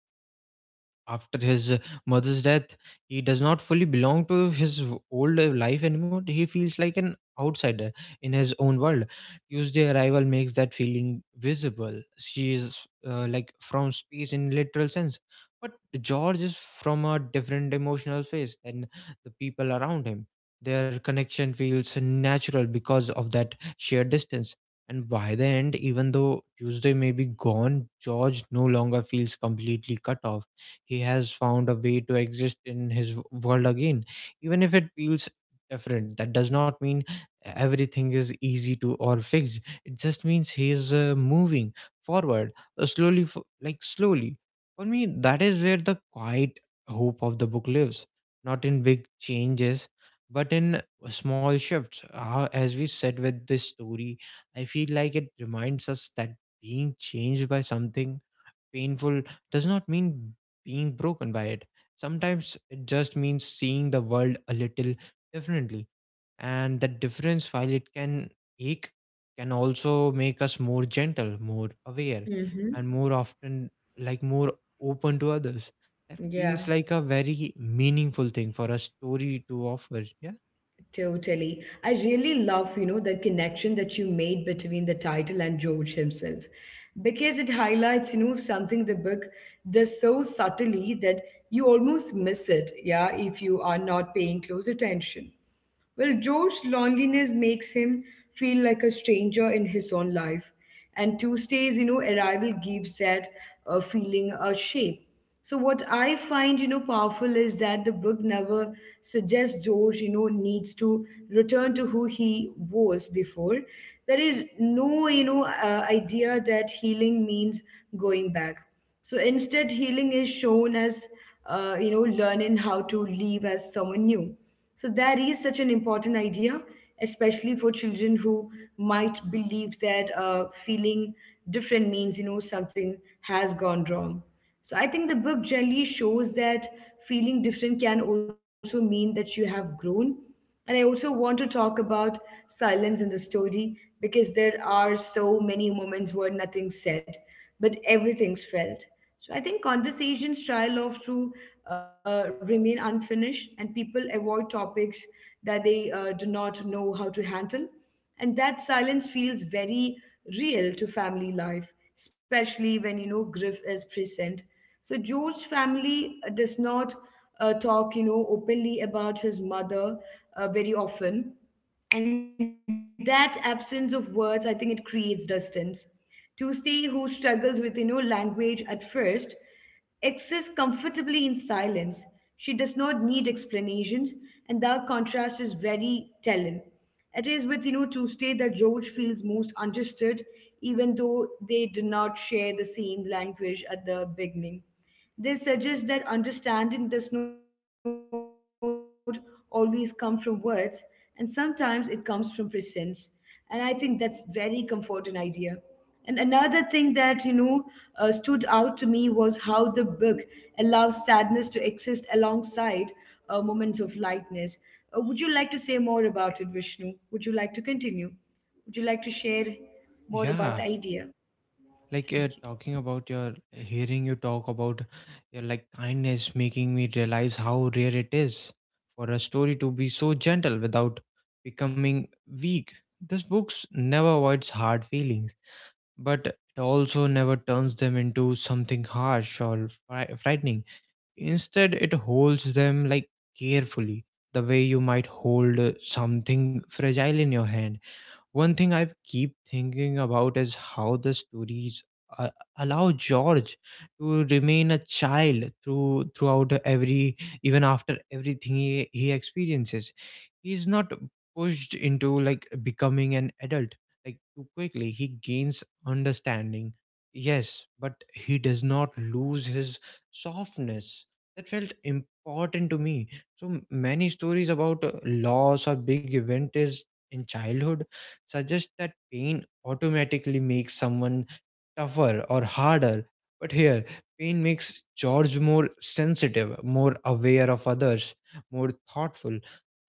Speaker 2: After his mother's death, he does not fully belong to his old life anymore. He feels like an outsider in his own world. Tuesday arrival makes that feeling visible. She is, like, from space in literal sense. But George is from a different emotional space than the people around him. Their connection feels natural because of that shared distance. And by the end, even though Tuesday may be gone, George no longer feels completely cut off. He has found a way to exist in his world again, even if it feels different. That does not mean everything is easy to or fixed. It just means he is, moving forward, slowly, like slowly. For me, that is where the quiet hope of the book lives. Not in big changes, but in small shifts. Uh, as we said, with this story, I feel like it reminds us that being changed by something painful does not mean being broken by it. Sometimes it just means seeing the world a little differently. And that difference, while it can ache, can also make us more gentle, more aware,
Speaker 1: Mm-hmm.
Speaker 2: and more often, like, more open to others. That feels
Speaker 1: Yeah,
Speaker 2: like a very meaningful thing for a story to offer. Yeah.
Speaker 1: totally. I really love, the connection that you made between the title and George himself, because it highlights, something the book does so subtly that you almost miss it, yeah, if you are not paying close attention. Well, Joe's loneliness makes him feel like a stranger in his own life. And Tuesday's, arrival gives that feeling a shape. So what I find, powerful is that the book never suggests George, needs to return to who he was before. There is no, idea that healing means going back. So instead, healing is shown as, learning how to live as someone new. So that is such an important idea, especially for children who might believe that feeling different means something has gone wrong. So I think the book generally shows that feeling different can also mean that you have grown. And I also want to talk about silence in the story because there are so many moments where nothing's said, but everything's felt. So I think conversations try love to remain unfinished, and people avoid topics that they do not know how to handle. And that silence feels very real to family life, especially when grief is present. So George's family does not talk, openly about his mother very often, and that absence of words, I think, it creates distance. Tuesday, who struggles with language at first, exists comfortably in silence. She does not need explanations, and that contrast is very telling. It is with, Tuesday that George feels most understood, even though they do not share the same language at the beginning. They suggest that understanding does not always come from words, and sometimes it comes from presence. And I think that's very comforting idea. And another thing that stood out to me was how the book allows sadness to exist alongside moments of lightness. Would you like to say more about it, Vishnu? Would you like to continue? Would you like to share more about the idea?
Speaker 2: Yeah.
Speaker 1: Thank you.
Speaker 2: Like, talking about your hearing you talk about your, like, kindness, making me realize how rare it is for a story to be so gentle without becoming weak. This books never avoids hard feelings, but it also never turns them into something harsh or frightening. Instead, it holds them, like, carefully, the way you might hold something fragile in your hand. One thing I keep thinking about is how the stories uh, allow George to remain a child throughout every, even after everything he experiences. He's not pushed into, like, becoming an adult, like, too quickly. He gains understanding, yes, but he does not lose his softness. That felt important to me. So many stories about loss or big event is in childhood suggest that pain automatically makes someone tougher or harder. But here, pain makes George more sensitive, more aware of others, more thoughtful.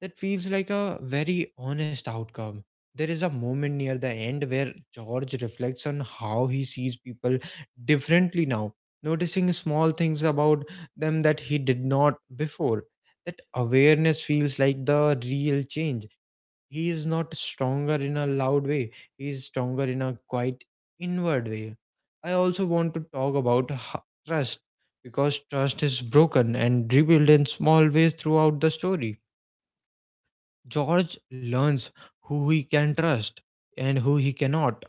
Speaker 2: That feels like a very honest outcome. There is a moment near the end where George reflects on how he sees people differently now, noticing small things about them that he did not before. That awareness feels like the real change. He is not stronger in a loud way, he is stronger in a quite inward way. I also want to talk about trust, because trust is broken and rebuilt in small ways throughout the story. George learns who he can trust and who he cannot,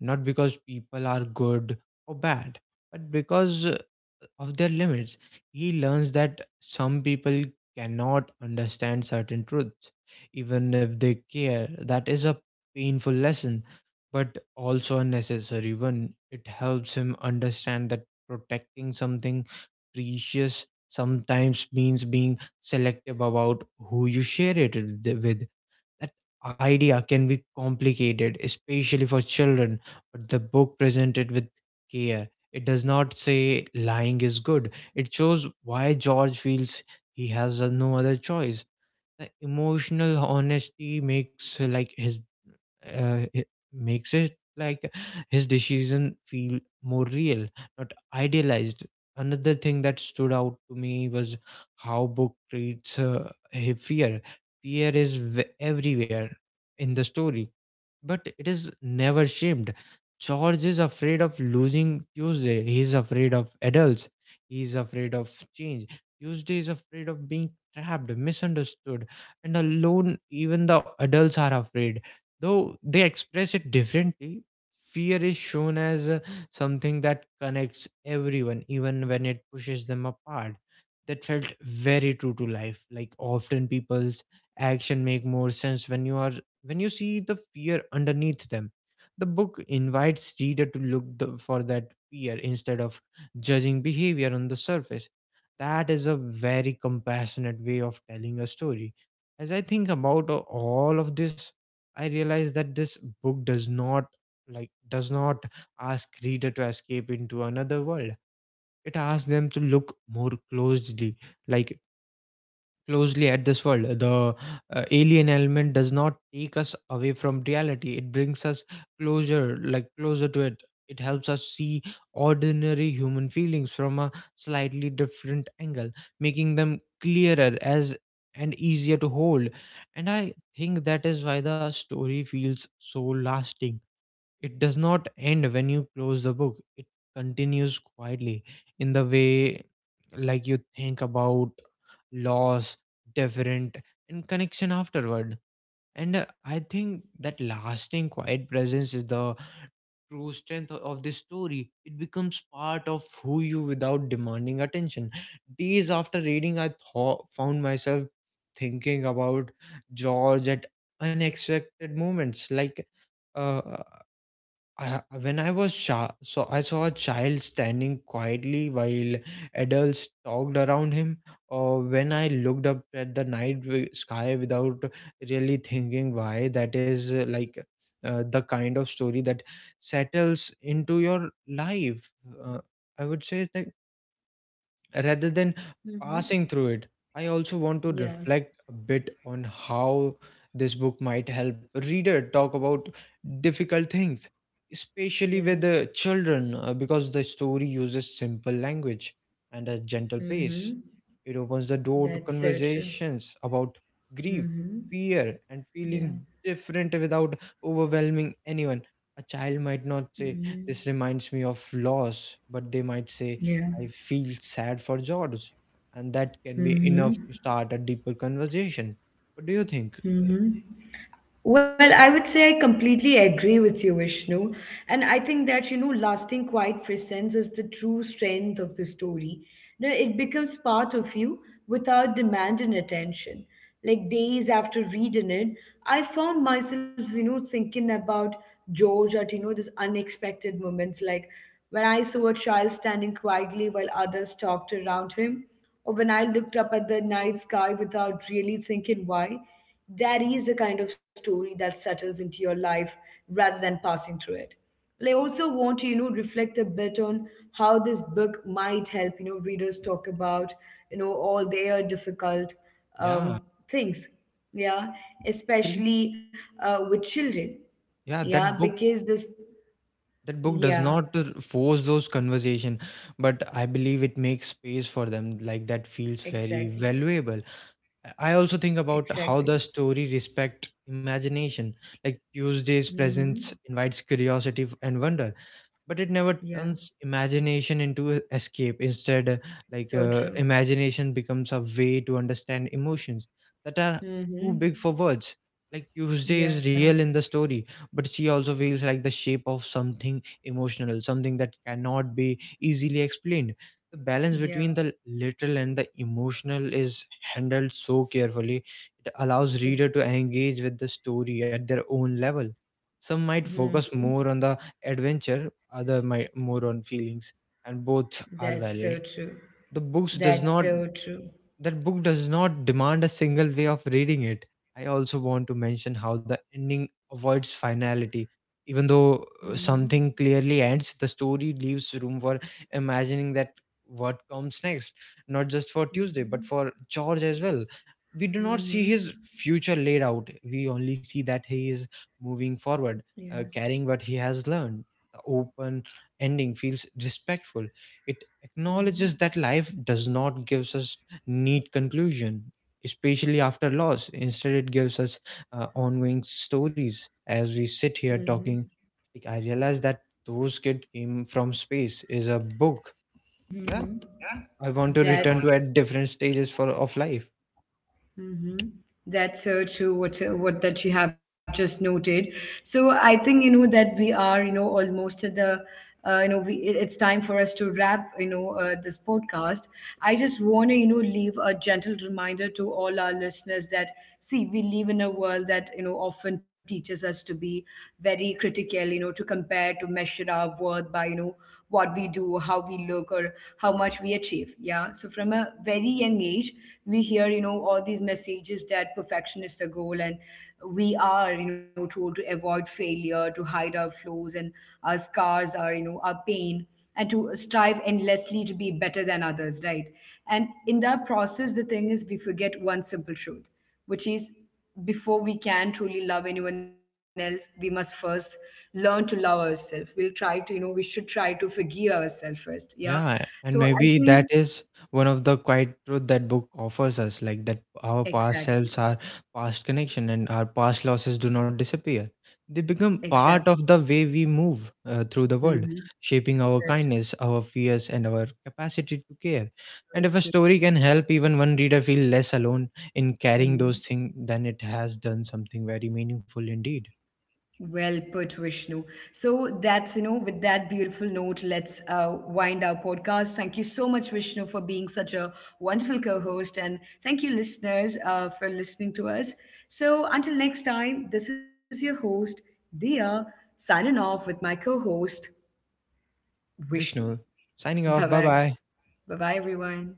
Speaker 2: not because people are good or bad, but because of their limits. He learns that some people cannot understand certain truths, even if they care. That is a painful lesson, but also a necessary one. It helps him understand that protecting something precious sometimes means being selective about who you share it with. That idea can be complicated, especially for children, but the book presented with care. It does not say lying is good. It shows why George feels he has no other choice. The emotional honesty makes his it makes it, like, his decision feel more real, not idealized. Another thing that stood out to me was how book treats fear. Fear is everywhere in the story, but it is never shamed. George is afraid of losing Tuesday. He's afraid of adults. He's afraid of change. Tuesday is afraid of being trapped, misunderstood, and alone. Even the adults are afraid. Though they express it differently, fear is shown as something that connects everyone, even when it pushes them apart. That felt very true to life. Like, often people action make more sense when you are when you see the fear underneath them. The book invites reader to look the, for that fear instead of judging behavior on the surface. That is a very compassionate way of telling a story. As I think about all of this, I realize that this book does not, like, does not ask reader to escape into another world. It asks them to look more closely, like closely at this world. The alien element does not take us away from reality. It brings us closer, like, closer to it. It helps us see ordinary human feelings from a slightly different angle, making them clearer as and easier to hold. And I think that is why the story feels so lasting. It does not end when you close the book, it continues quietly in the way, like, you think about loss, different, and connection afterward. And I think that lasting quiet presence is the true strength of this story. It becomes part of who you without demanding attention. Days after reading, found myself thinking about George at unexpected moments. Like, uh, when I was I saw a child standing quietly while adults talked around him, or when I looked up at the night sky without really thinking why. That is, the kind of story that settles into your life. Uh, I would say that, rather than
Speaker 1: Hmm.
Speaker 2: passing through it. I also want to
Speaker 1: Yeah,
Speaker 2: reflect a bit on how this book might help a reader talk about difficult things, especially with
Speaker 1: yeah.
Speaker 2: the children, because the story uses simple language and a gentle pace.
Speaker 1: Hmm.
Speaker 2: It opens the door to
Speaker 1: That's so true.
Speaker 2: conversations about grief,
Speaker 1: Mm-hmm.
Speaker 2: fear, and feeling
Speaker 1: Yeah.
Speaker 2: different without overwhelming anyone. A child might not say,
Speaker 1: Mm-hmm.
Speaker 2: "This reminds me of loss," but they might say,
Speaker 1: Yeah.
Speaker 2: "I feel sad for George," and that can be enough
Speaker 1: Mm-hmm.
Speaker 2: to start a deeper conversation. What do you think? Uh,
Speaker 1: Mm-hmm. Well, I would say I completely agree with you, Vishnu. And I think that, lasting quiet presence is the true strength of the story. You know, it becomes part of you without demanding attention. Like days after reading it, I found myself, thinking about George at, these unexpected moments, like when I saw a child standing quietly while others talked around him, or when I looked up at the night sky without really thinking why. That is a kind of story that settles into your life rather than passing through it. But I also want to, reflect a bit on how this book might help, readers talk about, all their difficult
Speaker 2: yeah,
Speaker 1: um, things. Yeah,
Speaker 2: actually,
Speaker 1: especially with children.
Speaker 2: yeah,
Speaker 1: Yeah,
Speaker 2: that book does
Speaker 1: yeah,
Speaker 2: not force those conversation, but I believe it makes space for them. Like, that feels very
Speaker 1: exactly,
Speaker 2: valuable. I also think about how the
Speaker 1: exactly.
Speaker 2: story respect imagination. Like, Tuesday's
Speaker 1: Hmm.
Speaker 2: presence invites curiosity and wonder, but it never
Speaker 1: Yeah,
Speaker 2: turns imagination into a escape. Instead,
Speaker 1: so true.
Speaker 2: imagination becomes a way to understand emotions that are too big for
Speaker 1: Hmm.
Speaker 2: words. Like, Tuesday is
Speaker 1: Yeah,
Speaker 2: real in the story, but she also feels like the shape of something emotional, something that cannot be easily explained. The balance between the
Speaker 1: yeah.
Speaker 2: literal and the emotional is handled so carefully. It allows reader
Speaker 1: It,
Speaker 2: to engage with the story at their own level. Some might focus
Speaker 1: mm-hmm.
Speaker 2: more on the adventure, other my, more on feelings, and both are valid.
Speaker 1: That's so true.
Speaker 2: The books does not
Speaker 1: That's so true.
Speaker 2: that book does not demand a single way of reading it. I also want to mention how the ending avoids finality. Even though
Speaker 1: Mm-hmm.
Speaker 2: something clearly ends, the story leaves room for imagining that what comes next, not just for Tuesday but
Speaker 1: Mm-hmm.
Speaker 2: for George as well. We do not see his
Speaker 1: Mm-hmm.
Speaker 2: future laid out, we only see that he is moving forward,
Speaker 1: Yeah.
Speaker 2: carrying what he has learned. Open ending feels respectful. It acknowledges that
Speaker 1: Mm-hmm.
Speaker 2: life does not give us neat conclusion, especially after loss. Instead, it gives us ongoing stories. As we sit here talking,
Speaker 1: Mm-hmm.
Speaker 2: like, I realize that those kid came from space is a book. Yeah,
Speaker 1: Mm-hmm.
Speaker 2: I
Speaker 1: Yeah.
Speaker 2: want to return to at
Speaker 1: That's
Speaker 2: different stages for of life.
Speaker 1: mm-hmm. That's so true. What that you have just noted. So I think that we are almost at the it's time for us to wrap this podcast. I just want to leave a gentle reminder to all our listeners that see we live in a world that often teaches us to be very critical. You know, to compare, to measure our worth by what we do, how we look, or how much we achieve. Yeah. So from a very young age we hear all these messages that perfection is the goal, and we are told to avoid failure, to hide our flaws and our scars, our our pain, and to strive endlessly to be better than others, right? And in that process, the thing is we forget one simple truth, which is before we can truly love anyone else we must first learn to love ourselves. We should try to forgive ourselves first. Yeah.
Speaker 2: Yeah,
Speaker 1: So I
Speaker 2: and maybe
Speaker 1: think
Speaker 2: that is one of the quiet truth that book offers us, like, that our past selves
Speaker 1: exactly,
Speaker 2: are past connection and our past losses do not disappear. They become
Speaker 1: exactly.
Speaker 2: part of the way we move through the world,
Speaker 1: Hmm.
Speaker 2: shaping our
Speaker 1: Such
Speaker 2: kindness, our fears, and our capacity to care. And if a story can help even one reader feel less alone in carrying those
Speaker 1: mm,
Speaker 2: things, then it has done something very meaningful indeed.
Speaker 1: well put, Vishnu. So that's with that beautiful note, let's wind our podcast. Thank you so much, Vishnu, for being such a wonderful co-host, and thank you, listeners, for listening to us. So until next time, this is your host, Dia, signing off with my co-host, Vishnu.
Speaker 2: Vishnu, signing
Speaker 1: Bye
Speaker 2: off. Bye
Speaker 1: bye.
Speaker 2: bye.
Speaker 1: Bye bye, everyone.